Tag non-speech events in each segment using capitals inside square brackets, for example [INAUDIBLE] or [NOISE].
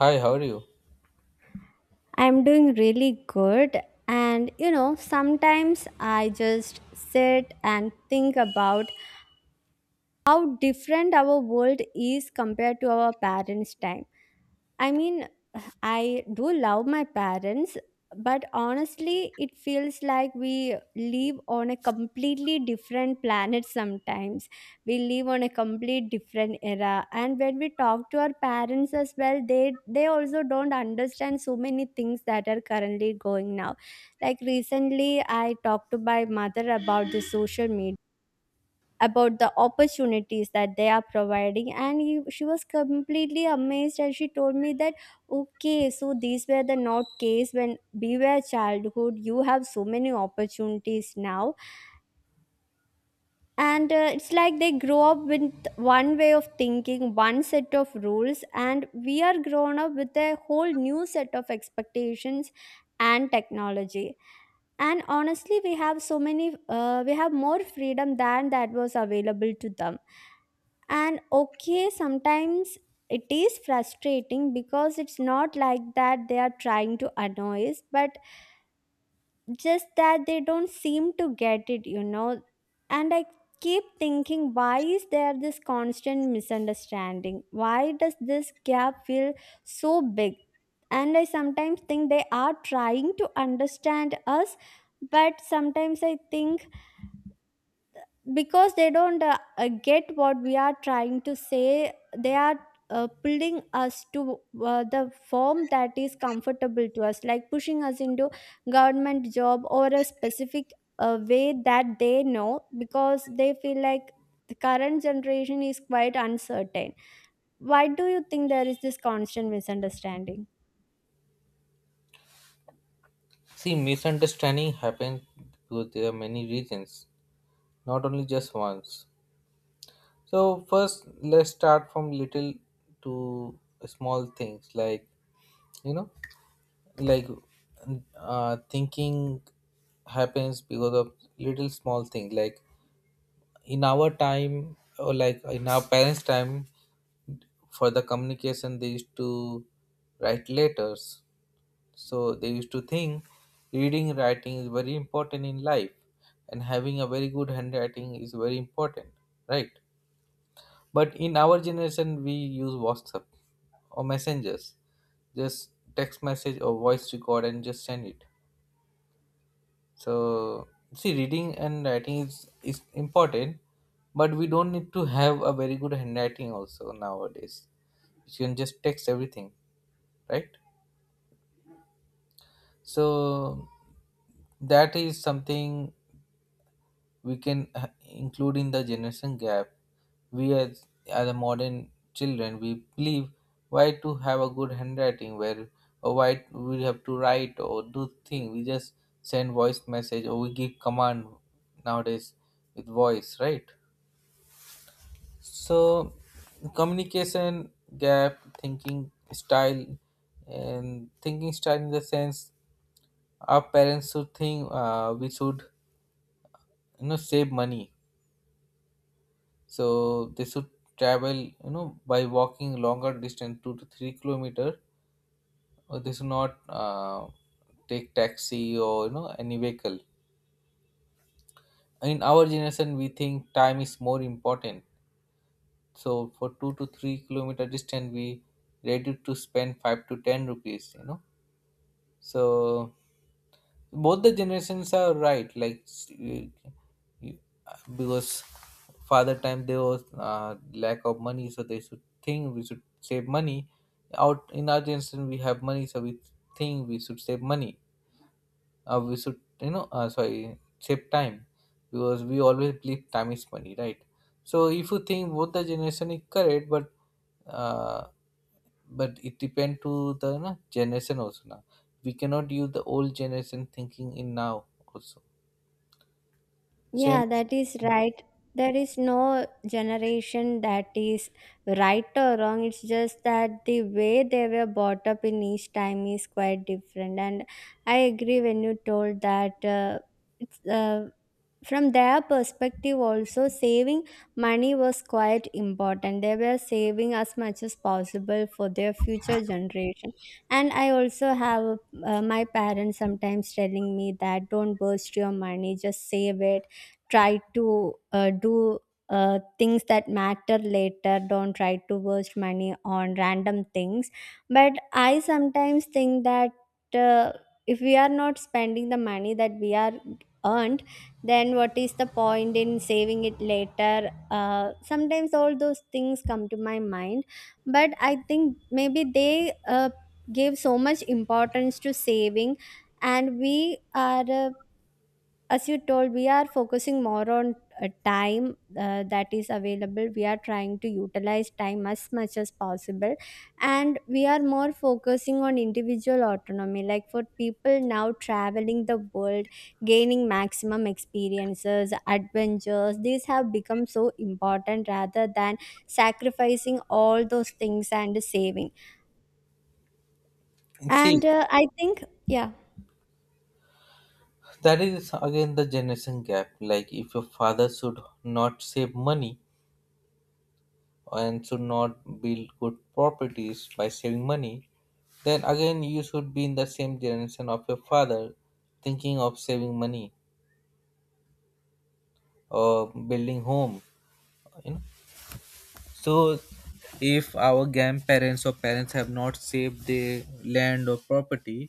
Hi, how are you? I'm doing really good. And you know, sometimes I just sit and think about how different our world is compared to our parents' time. I mean, I do love my parents, but honestly, it feels like we live on a completely different planet sometimes. We live on a complete different era. And when we talk to our parents as well, they also don't understand so many things that are currently going now. Like recently I talked to my mother about the social media, about the opportunities that they are providing, and she was completely amazed, and she told me that okay, so these were the not case when we were childhood. You have so many opportunities now. And it's like they grow up with one way of thinking, one set of rules, and we are grown up with a whole new set of expectations and technology. And honestly, we have so many we have more freedom than that was available to them. And okay, sometimes it is frustrating because it's not like that they are trying to annoy us, but just that they don't seem to get it. And I keep thinking, why is there this constant misunderstanding? Why does this gap feel so big? And I sometimes think they are trying to understand us, but sometimes I think because they don't get what we are trying to say, they are pulling us to the form that is comfortable to us, like pushing us into government job or a specific way that they know, because they feel like the current generation is quite uncertain. Why do you think there is this constant misunderstanding? See, misunderstanding happens because there are many reasons, not only just once. So first, let's start from little to small things like you know, like thinking happens because of little small things. Like in our time or like in our parents' time, for the communication they used to write letters. So they used to think reading, writing is very important in life, and having a very good handwriting is very important, right? But in our generation, we use WhatsApp or messengers, just text message or voice record and just send it. So see, reading and writing is important, but we don't need to have a very good handwriting also nowadays. You can just text everything, right? So that is something we can include in the generation gap. We as a modern children, we believe why to have a good handwriting where or why we have to write or do thing. We just send voice message or we give command nowadays with voice, right? So communication gap, thinking style, and thinking style in the sense our parents should think we should, you know, save money, so they should travel, you know, by walking longer distance 2 to 3 kilometer, or they should not take taxi or, you know, any vehicle. In our generation we think time is more important, so for 2 to 3 kilometer distance we ready to spend 5 to 10 rupees, you know. So both the generations are right, like you- because father time there was lack of money so they should think we should save money. Out in our generation we have money, so we think we should save money, we should, you know, sorry, save time, because we always believe time is money, right? So if you think both the generation is correct, uh, but it depend to the, you know, generation also. Now we cannot use the old generation thinking in now also. Same. Yeah, that is right. There is no generation that is right or wrong. It's just that the way they were brought up in each time is quite different. And I agree when you told that it's from their perspective also, saving money was quite important. They were saving as much as possible for their future generation. And I also have my parents sometimes telling me that don't burst your money, just save it. Try to do things that matter later. Don't try to waste money on random things. But I sometimes think that uh, if we are not spending the money that we are earned, then what is the point in saving it later? Sometimes all those things come to my mind. But I think maybe they give so much importance to saving. And we are as you told, we are focusing more on time that is available. We are trying to utilize time as much as possible. And we are more focusing on individual autonomy, like for people now, traveling the world, gaining maximum experiences, adventures, these have become so important rather than sacrificing all those things and saving. See, And I think yeah. that is again the generation gap. Like, if your father should not save money and should not build good properties by saving money, then again you should be in the same generation of your father, thinking of saving money or building home. You know. So, if our grandparents or parents have not saved their land or property,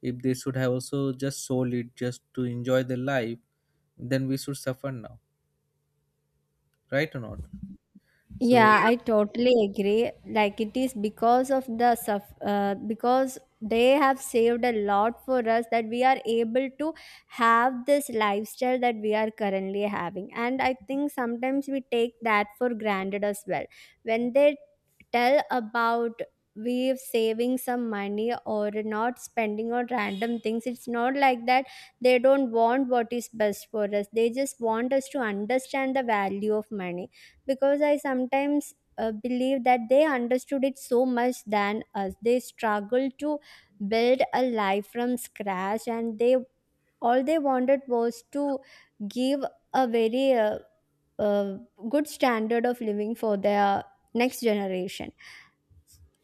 if they should have also just sold it just to enjoy the life, then we should suffer now. Right or not? So Yeah, I totally agree. Like it is because of the because they have saved a lot for us that we are able to have this lifestyle that we are currently having. And I think sometimes we take that for granted as well. When they tell about we saving some money or not spending on random things, it's not like that they don't want what is best for us. They just want us to understand the value of money, because I sometimes believe that they understood it so much than us. They struggled to build a life from scratch, and they all they wanted was to give a very uh, good standard of living for their next generation.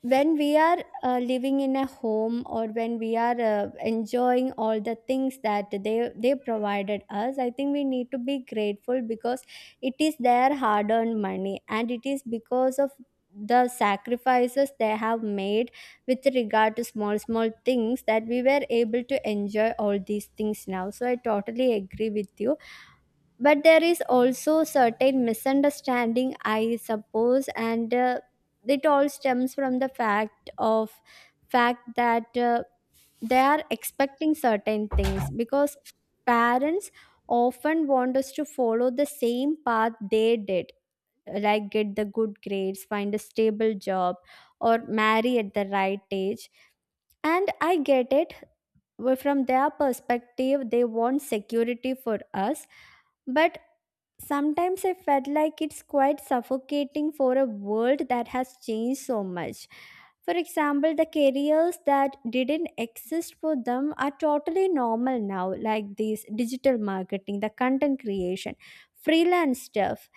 When we are living in a home or when we are enjoying all the things that they provided us, I think we need to be grateful because it is their hard earned money, and it is because of the sacrifices they have made with regard to small small things that we were able to enjoy all these things now. So I totally agree with you. But there is also certain misunderstanding, I suppose, and it all stems from the fact that they are expecting certain things because parents often want us to follow the same path they did, like get the good grades, find a stable job, or marry at the right age. And I get it. Well, from their perspective, they want security for us. But sometimes I felt like it's quite suffocating for a world that has changed so much. For example, the careers that didn't exist for them are totally normal now, like this digital marketing, the content creation, freelance stuff.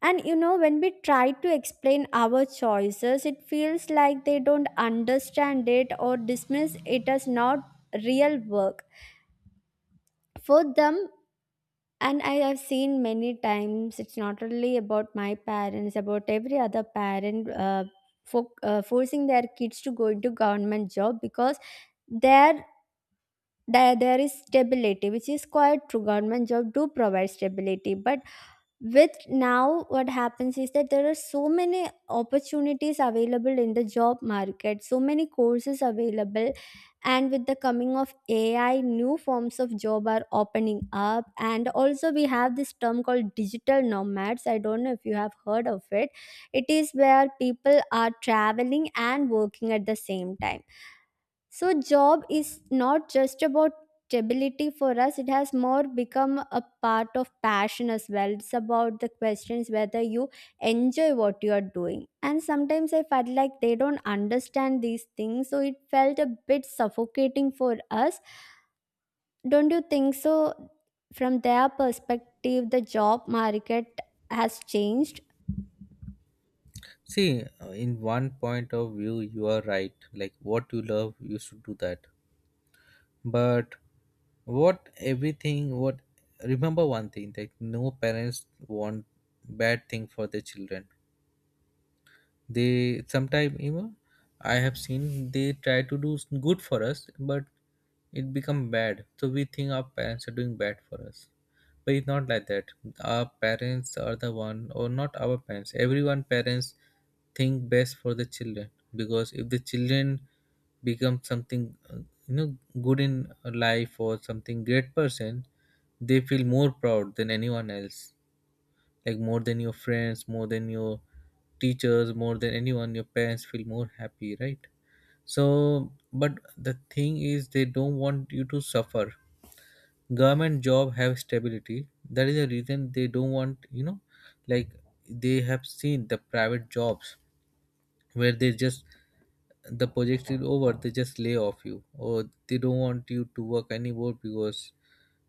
And when we try to explain our choices, it feels like they don't understand it or dismiss it as not real work. For them, and I have seen many times, it's not only about my parents, about every other parent, forcing their kids to go into government job, because there there is stability, which is quite true. Government job do provide stability, but with now what happens is that there are so many opportunities available in the job market, so many courses available. And with the coming of AI, new forms of job are opening up. And also, we have this term called digital nomads. I don't know if you have heard of it. It is where people are traveling and working at the same time. So job is not just about stability for us. It has more become a part of passion as well. It's about the questions whether you enjoy what you are doing. And sometimes I felt like they don't understand these things, so it felt a bit suffocating for us. Don't you think so? From their perspective, the job market has changed. see, in one point of view you are right, like what you love you should do that. But what everything what remember one thing that no parents want bad thing for their children. They sometime, you know, I have seen they try to do good for us but it become bad, so we think our parents are doing bad for us, but it's not like that. Our parents are the one, or not our parents, everyone parents think best for the children. Because if the children become something, you know, good in life or something great person, they feel more proud than anyone else, like more than your friends, more than your teachers, more than anyone, your parents feel more happy, right? So, but the thing is, they don't want you to suffer. Government job have stability, that is the reason they don't want, you know, like they have seen the private jobs where they just the project is over, they just lay off you, or they don't want you to work anymore because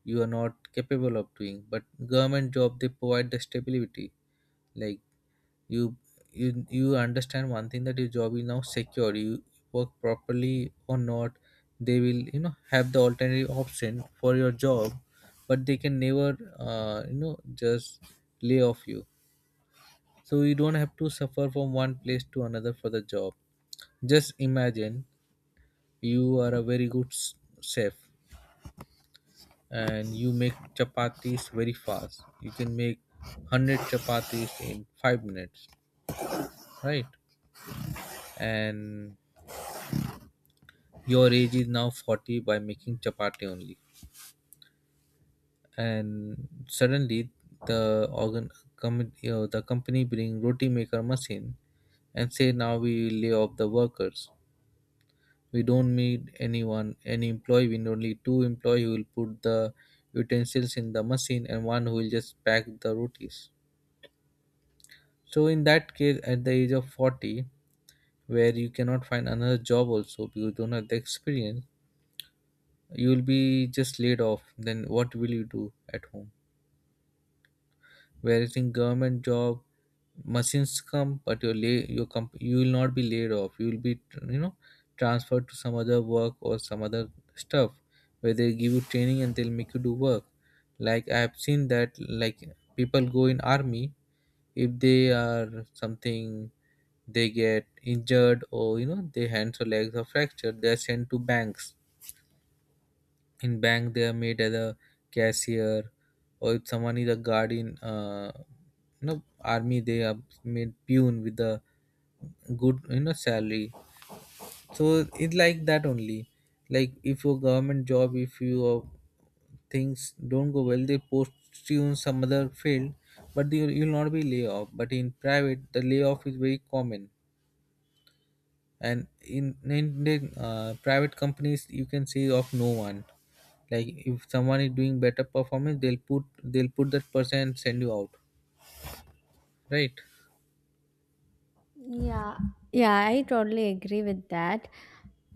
you are not capable of doing, but government job they provide the stability. Like you you understand one thing that your job is now secure, you work properly or not, they will, you know, have the alternative option for your job, but they can never you know, just lay off you. So you don't have to suffer from one place to another for the job. Just imagine you are a very good chef and you make chapatis very fast, you can make 100 chapatis in 5 minutes, right? And your age is now 40 by making chapati only, and suddenly the you know, the company bring roti maker machine and say now we lay off the workers, we don't need anyone any employee, we need only two employee who will put the utensils in the machine and one who will just pack the rotis. So in that case at the age of 40 where you cannot find another job also because you don't have the experience, you will be just laid off, then what will you do at home? Whereas in government job machines come but your you will not be laid off, you will be, you know, transferred to some other work or some other stuff where they give you training and they'll make you do work. Like I have seen that. Like people go in army, if they are something, they get injured or, you know, their hands or legs are fractured, they're sent to banks. In bank they are made as a cashier, or if someone is a guard in, you know, army, they are made pune with the good, you know, salary. So it's like that only. Like if your government job, if your things don't go well, they post you in some other field, but you'll not be laid off. But in private the layoff is very common. And in the private companies you can say of no one. Like if someone is doing better performance, they'll put that person and send you out, right? Yeah, yeah, I totally agree with that.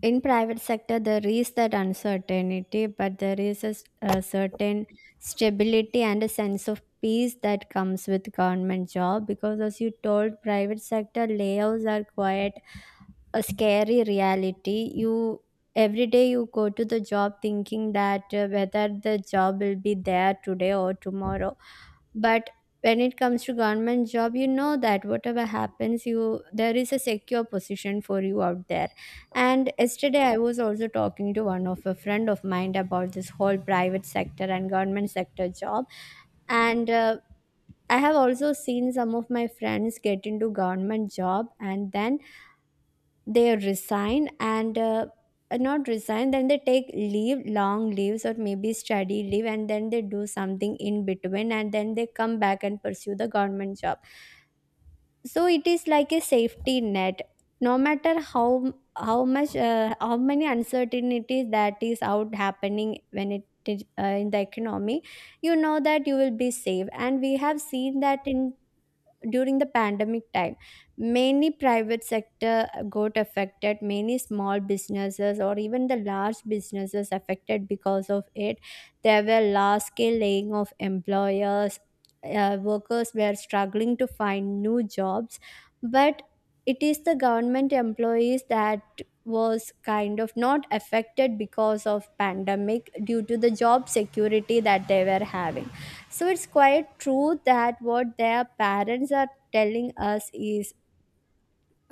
In private sector, there is that uncertainty, but there is a certain stability and a sense of peace that comes with government job. Because as you told, private sector layoffs are quite a scary reality. You every day you go to the job thinking that whether the job will be there today or tomorrow. But when it comes to government job, you know that whatever happens, you there is a secure position for you out there. And yesterday I was also talking to one of a friend of mine about this whole private sector and government sector job. And I have also seen some of my friends get into government job and then they resign and not resign, then they take leave, long leaves, or maybe study leave, and then they do something in between, and then they come back and pursue the government job. So it is like a safety net. No matter how many uncertainties that is out happening when it is, in the economy, you know that you will be safe. And we have seen that in during the pandemic time, many private sector got affected, many small businesses or even the large businesses affected because of it. There were large scale laying of employers, workers were struggling to find new jobs. But it is the government employees that was kind of not affected because of pandemic due to the job security that they were having. So it's quite true that what their parents are telling us is.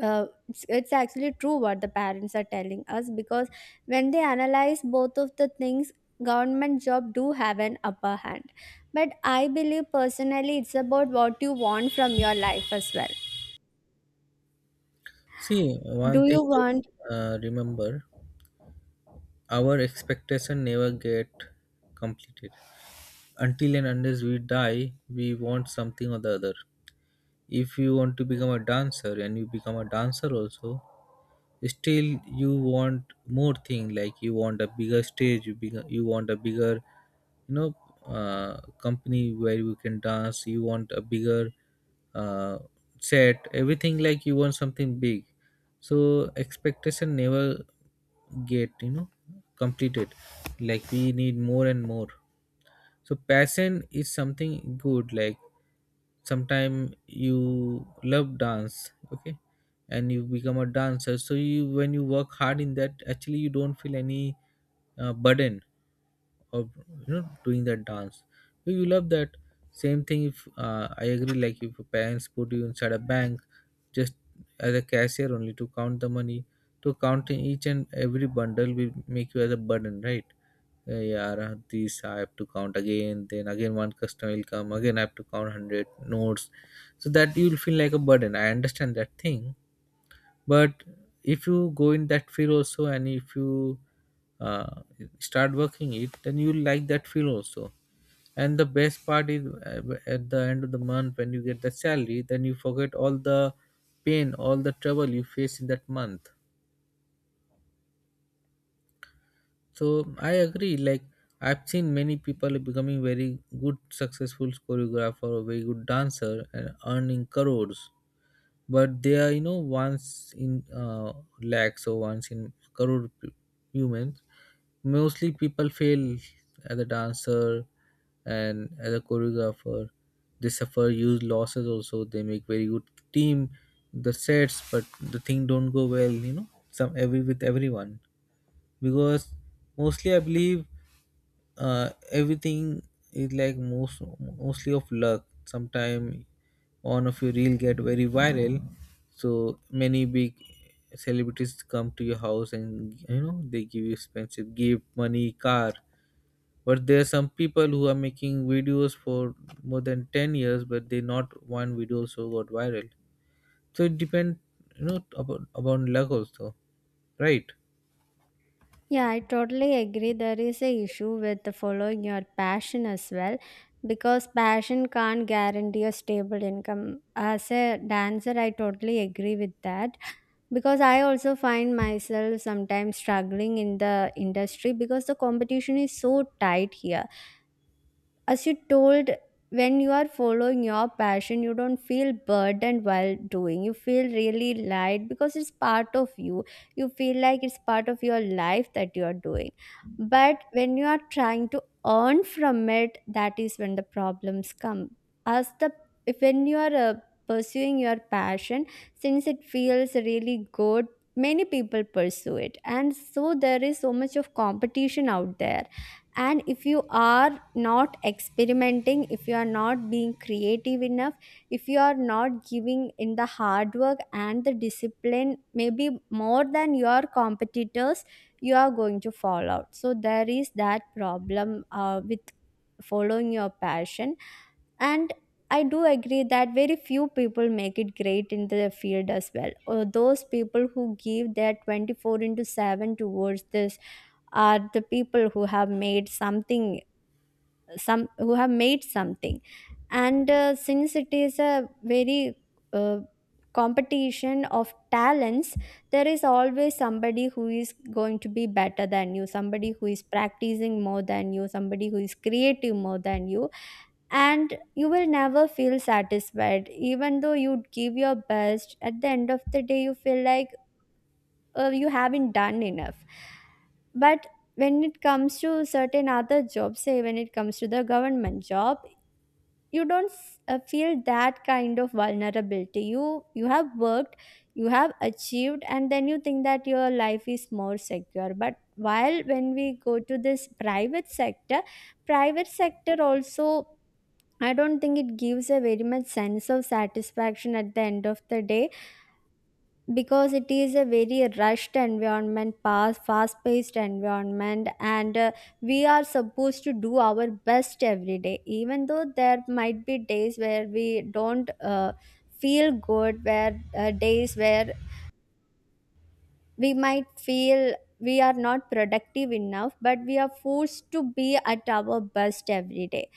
It's actually true what the parents are telling us, because when they analyze both of the things, government job do have an upper hand. But I believe personally, it's about what you want from your life as well. See, one Do you thing is, want? Remember our expectation never get completed until and unless we die, we want something or the other. If you want to become a dancer and you become a dancer also, still you want more thing, like you want a bigger stage, you want a bigger, you know, company where you can dance, you want a bigger uh, set, everything, like you want something big. So expectation never get, you know, completed, like we need more and more. So passion is something good, like sometime you love dance, okay, and you become a dancer, so you when you work hard in that actually you don't feel any burden of, you know, doing that dance, so you love that. Same thing, if I agree, like if your parents put you inside a bank just as a cashier only to count the money, to counting each and every bundle will make you as a burden, right? Yeah, these I have to count again. Then again, one customer will come. Again, I have to count 100 notes, so that you will feel like a burden. I understand that thing, but if you go in that field also, and if you uh, start working it, then you will like that field also. And the best part is, at the end of the month when you get the salary, then you forget all the pain, all the trouble you face in that month. So I agree. Like I've seen many people becoming very good, successful choreographer, or very good dancer, and earning crores. But they are, you know, once in lakhs or once in crore humans. Mostly people fail as a dancer and as a choreographer. They suffer huge losses. Also, they make very good team, the sets, but the thing don't go well. You know, some every with everyone, because mostly I believe everything is like mostly of luck. Sometime one of your reel get very viral, so many big celebrities come to your house and you know they give you expensive gift, money, car. But there are some people who are making videos for more than 10 years, but they not one video so got viral. So it depends, you know, about luck also, right? Yeah, I totally agree. There is a issue with the following your passion as well, because passion can't guarantee a stable income. As a dancer, I totally agree with that, because I also find myself sometimes struggling in the industry because the competition is so tight here. As you told, when you are following your passion, you don't feel burdened while doing. You feel really light because it's part of you. You feel like it's part of your life that you are doing. But when you are trying to earn from it, that is when the problems come. As the If when you are pursuing your passion, since it feels really good, many people pursue it, and so there is so much of competition out there. And if you are not experimenting, if you are not being creative enough, if you are not giving in the hard work and the discipline maybe more than your competitors, you are going to fall out. So there is that problem with following your passion. And I do agree that very few people make it great in the field as well, or those people who give their 24 into 7 towards this are the people who have made something, some who have made something. And since it is a very uh, competition of talents, there is always somebody who is going to be better than you, somebody who is practicing more than you, somebody who is creative more than you. And you will never feel satisfied. Even though you give your best, at the end of the day you feel like you haven't done enough. But when it comes to certain other jobs, say when it comes to the government job, you don't feel that kind of vulnerability. You have worked, you have achieved, and then you think that your life is more secure. But while when we go to this private sector, also, I don't think it gives a very much sense of satisfaction at the end of the day, because it is a very rushed environment, fast paced environment. And we are supposed to do our best every day, even though there might be days where we don't feel good, where days where we might feel we are not productive enough, but we are forced to be at our best every day.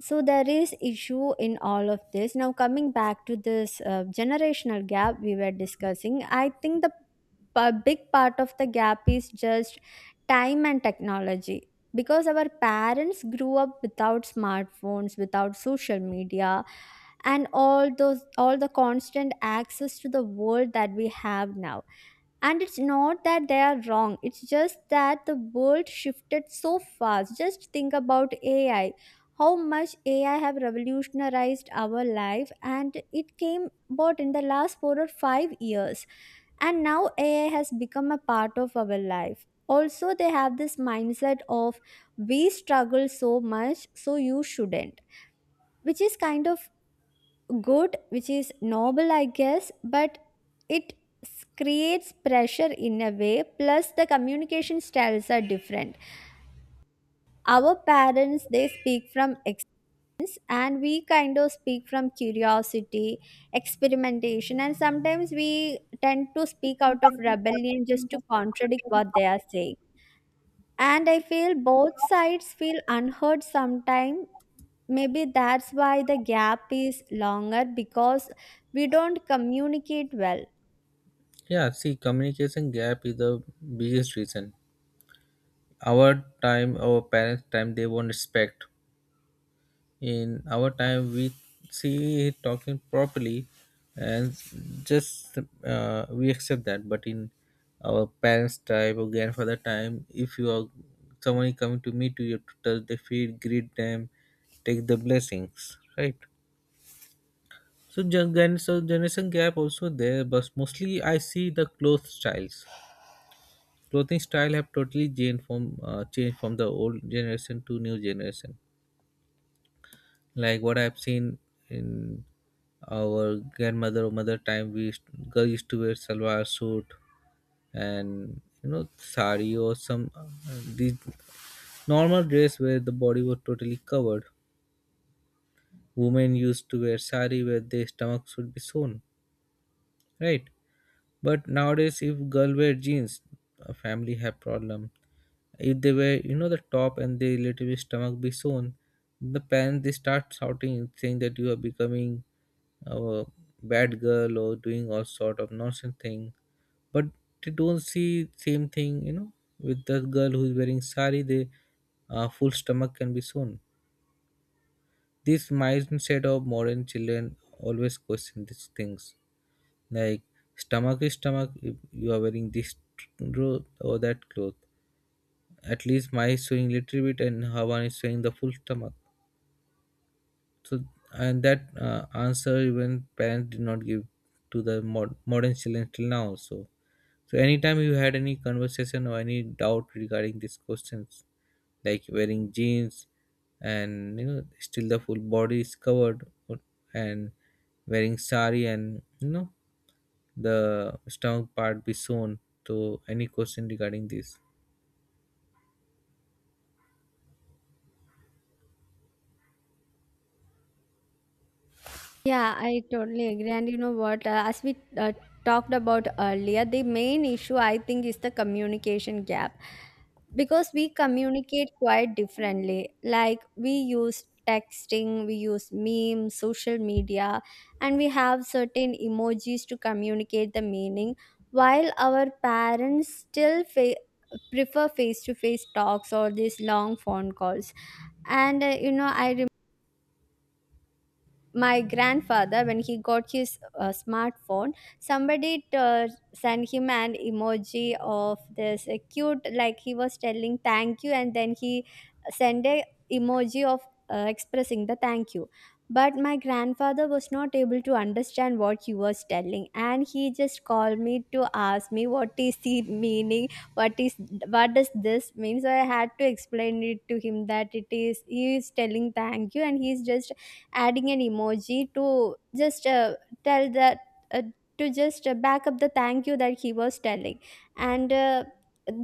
So there is issue in all of this. Now coming back to this generational gap we were discussing, I think the big part of the gap is just time and technology, because our parents grew up without smartphones, without social media, and all the constant access to the world that we have now. And it's not that they are wrong, it's just that the world shifted so fast. Just think about AI. How much AI have revolutionized our life, and it came about in the last 4 or 5 years. And now AI has become a part of our life. Also, they have this mindset of, we struggle so much, so you shouldn't, which is kind of good, which is noble I guess. But it creates pressure in a way. Plus the communication styles are different. Our parents, they speak from experience, and we kind of speak from curiosity, experimentation. And sometimes we tend to speak out of rebellion just to contradict what they are saying. And I feel both sides feel unheard sometimes. Maybe that's why the gap is longer, because we don't communicate well. Yeah, see, communication gap is the biggest reason. Our time, our parents' time, they won't respect. In our time, we see talking properly, and just we accept that. But in our parents' time or grandfather time, if you are someone is coming to meet you, you have to touch their feet, greet them, take the blessings, right? So, so generation gap also there, but mostly I see the close styles. Clothing style have totally changed from the old generation to new generation, like what I've seen in our grandmother or mother time we used, girl used to wear salwar suit and you know sari or some these normal dress where the body was totally covered. Women used to wear sari where their stomach should be shown, right? But nowadays if girl wear jeans, a family have problem. If they were, you know, the top and their relative stomach be shown, the parents they start shouting, saying that you are becoming a bad girl or doing all sort of nonsense thing. But they don't see same thing, you know, with the girl who is wearing sari. The full stomach can be shown. This mindset of modern children always question these things. Like, stomach is stomach. If you are wearing this clothes or that cloth, at least my is showing little bit and her one is showing the full stomach. So, and that answer even parents did not give to the modern children till now also. So anytime you had any conversation or any doubt regarding these questions, like wearing jeans and you know still the full body is covered or- and wearing sari and you know the stomach part be shown. So any question regarding this? Yeah, I totally agree. And you know what? As we talked about earlier, the main issue I think is the communication gap, because we communicate quite differently. Like we use texting, we use memes, social media, and we have certain emojis to communicate the meaning, while our parents still prefer face to face talks or these long phone calls. And you know, I my grandfather, when he got his smartphone, somebody sent him an emoji of this cute, like he was telling thank you. And then he sent a emoji of expressing the thank you. But my grandfather was not able to understand what he was telling, and he just called me to ask me what is the meaning. what is what does this mean? So I had to explain it to him that it is he is telling thank you, and he is just adding an emoji to just tell that, uh, to just back up the thank you that he was telling. And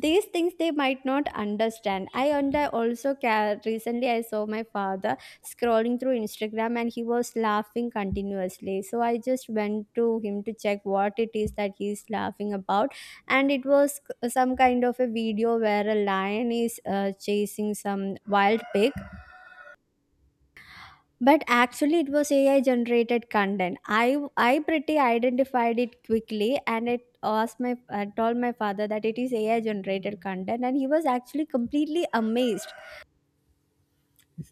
these things they might not understand. I also care. Recently I saw my father scrolling through Instagram, and he was laughing continuously. So I just went to him to check what it is that he is laughing about. And it was some kind of a video where a lion is chasing some wild pig. But actually, it was AI generated content. I pretty identified it quickly, and it asked my I told my father that it is AI generated content, and he was actually completely amazed.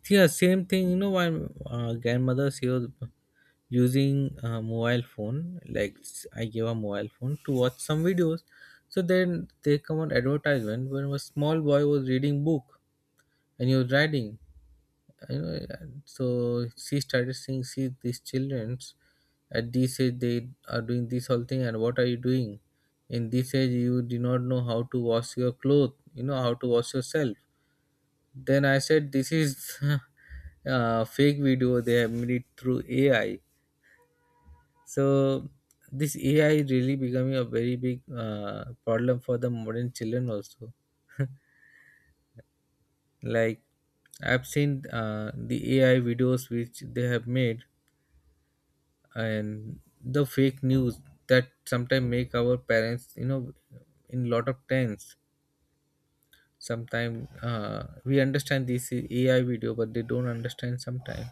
Yeah, same thing, you know. My grandmother, she was using a mobile phone, like I gave her mobile phone to watch some videos. So then they come on advertisement when a small boy was reading book and he was writing, you know. And so she started saying, see these childrens at this age they are doing this whole thing, and what are you doing? In this age you do not know how to wash your clothes, you know how to wash yourself. Then I said, this is [LAUGHS] a fake video, they have made it through AI. So, this AI really becoming a very big problem for the modern children also. Like, I've seen the AI videos which they have made and the fake news that sometimes make our parents, you know, in lot of tense. Sometimes we understand this is AI video, but they don't understand sometimes.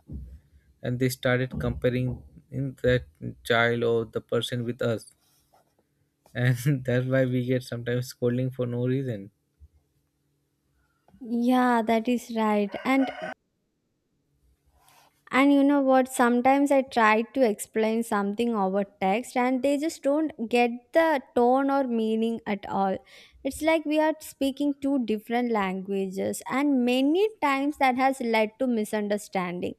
And they started comparing in that child or the person with us, and [LAUGHS] that's why we get sometimes scolding for no reason. Yeah, that is right. And you know what? Sometimes I try to explain something over text, and they just don't get the tone or meaning at all. It's like we are speaking two different languages, and many times that has led to misunderstanding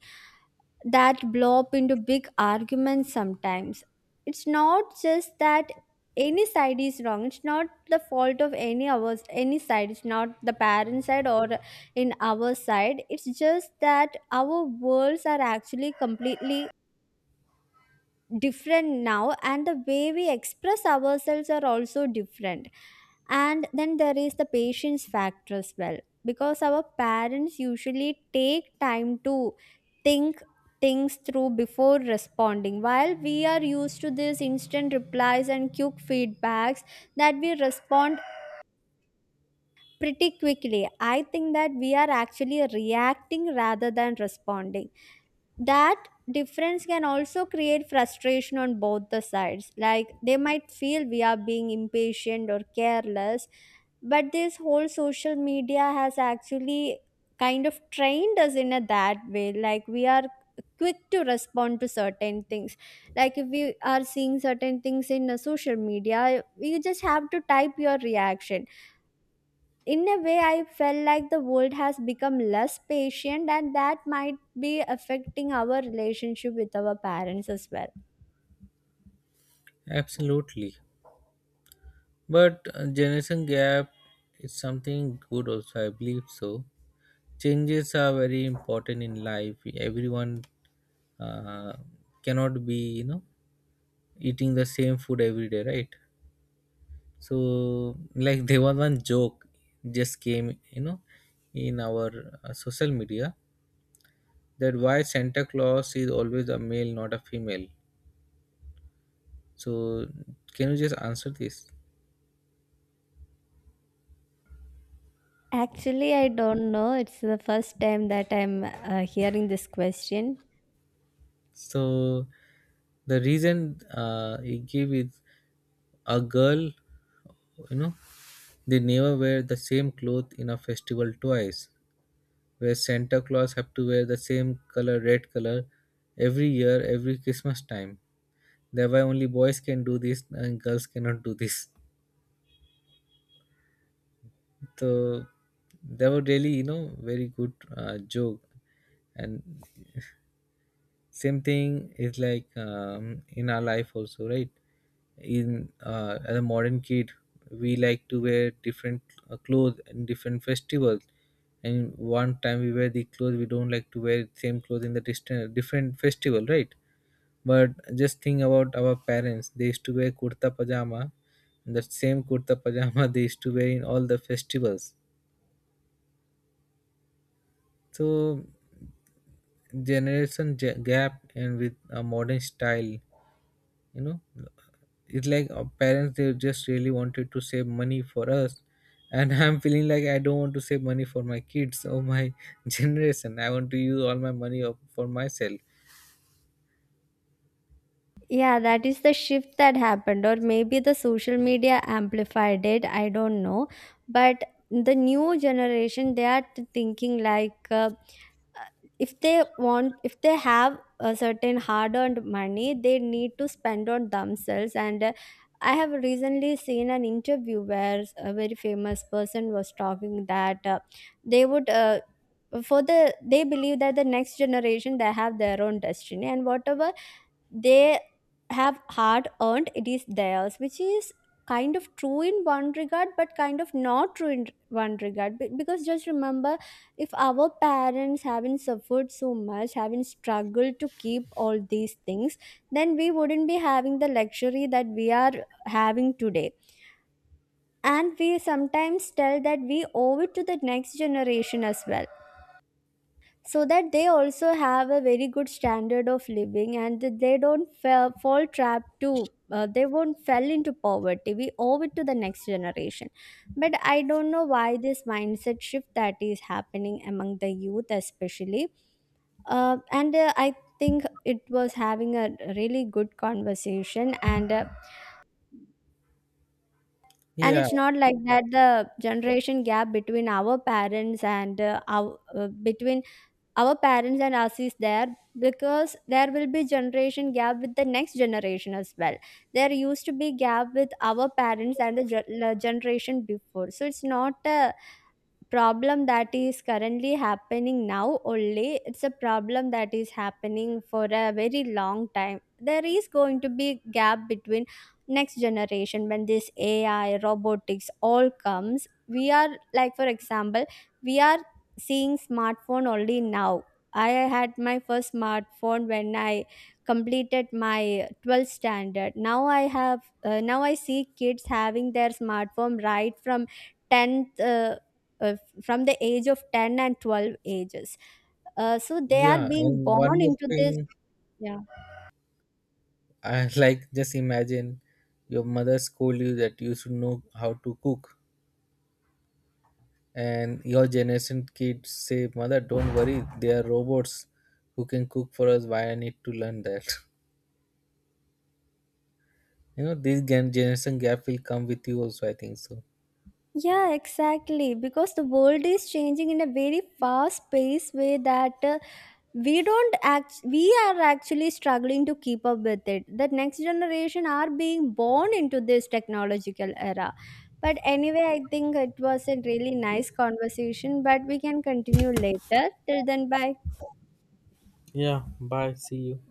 that blow up into big arguments sometimes. It's not just that any side is wrong. It's not the fault of any side. It's not the parent side or in our side. It's just that our worlds are actually completely different now, and the way we express ourselves are also different. And then there is the patience factor as well, because our parents usually take time to think things through before responding, while we are used to this instant replies and quick feedbacks that we respond pretty quickly. I think that we are actually reacting rather than responding. That difference can also create frustration on both the sides, like they might feel we are being impatient or careless. But this whole social media has actually kind of trained us in a that way, like we are quick to respond to certain things. Like if we are seeing certain things in a social media, you just have to type your reaction. In a way, I felt like the world has become less patient, and that might be affecting our relationship with our parents as well. Absolutely. But generation gap is something good also, I believe so. Changes are very important in life. Everyone uh, cannot be, you know, eating the same food every day, right? So like, [LAUGHS] there was one joke just came, you know, in our social media, that why Santa Claus is always a male, not a female. So, can you just answer this? Actually, I don't know. It's the first time that I'm hearing this question. So, the reason he gave is a girl, you know, they never wear the same cloth in a festival twice. Where Santa Claus have to wear the same color, red color, every year, every Christmas time. Thereby, only boys can do this and girls cannot do this. So that was really, you know, very good joke. And same thing is like, in our life also, right? In as a modern kid, we like to wear different clothes in different festivals. And one time we wear the clothes, we don't like to wear same clothes in the distant different festival, right? But just think about our parents. They used to wear kurta pajama. And that same kurta pajama [LAUGHS] they used to wear in all the festivals. So generation gap and with a modern style, you know, it's like our parents, they just really wanted to save money for us. And [LAUGHS] I'm feeling like I don't want to save money for my kids or my [LAUGHS] generation. I want to use all my money up for myself. Yeah, that is the shift that happened, or maybe the social media amplified it, I don't know. But the new generation, they are thinking like, if they have a certain hard earned money, they need to spend on themselves. And I have recently seen an interview where a very famous person was talking that they would uh, they believe that the next generation, they have their own destiny, and whatever they have hard earned, it is theirs, which is kind of true in one regard but kind of not true in one regard. Because just remember, if our parents haven't suffered so much, haven't struggled to keep all these things, then we wouldn't be having the luxury that we are having today. And we sometimes tell that we owe it to the next generation as well, so that they also have a very good standard of living and that they don't fall trap to, they won't fell into poverty. We owe it to the next generation. But I don't know why this mindset shift that is happening among the youth especially. And I think it was having a really good conversation. And and Yeah. it's not like that the generation gap between our parents and our between our parents and us is there, because there will be generation gap with the next generation as well. There used to be gap with our parents and the generation before. So it's not a problem that is currently happening now only, it's a problem that is happening for a very long time. There is going to be gap between next generation when this AI robotics all comes. We are Like for example, we are seeing smartphone only now. I had my first smartphone when I completed my 12th standard. Now I have now I see kids having their smartphone right from 10th, uh, from the age of 10 and 12 ages. So they are Yeah, being and one born more into this. thing. Yeah, I [LAUGHS] like, just imagine your mother scold you that you should know how to cook, and your generation kids say, mother, don't worry, they are robots who can cook for us, why I need to learn that. [LAUGHS] You know, this generation gap will come with you also, I think so. yeah exactly, because the world is changing in a very fast paced way that we don't act we are actually struggling to keep up with it. The next generation are being born into this technological era. But anyway, I think it was a really nice conversation, but we can continue later. Till then, bye. Yeah, bye. See you.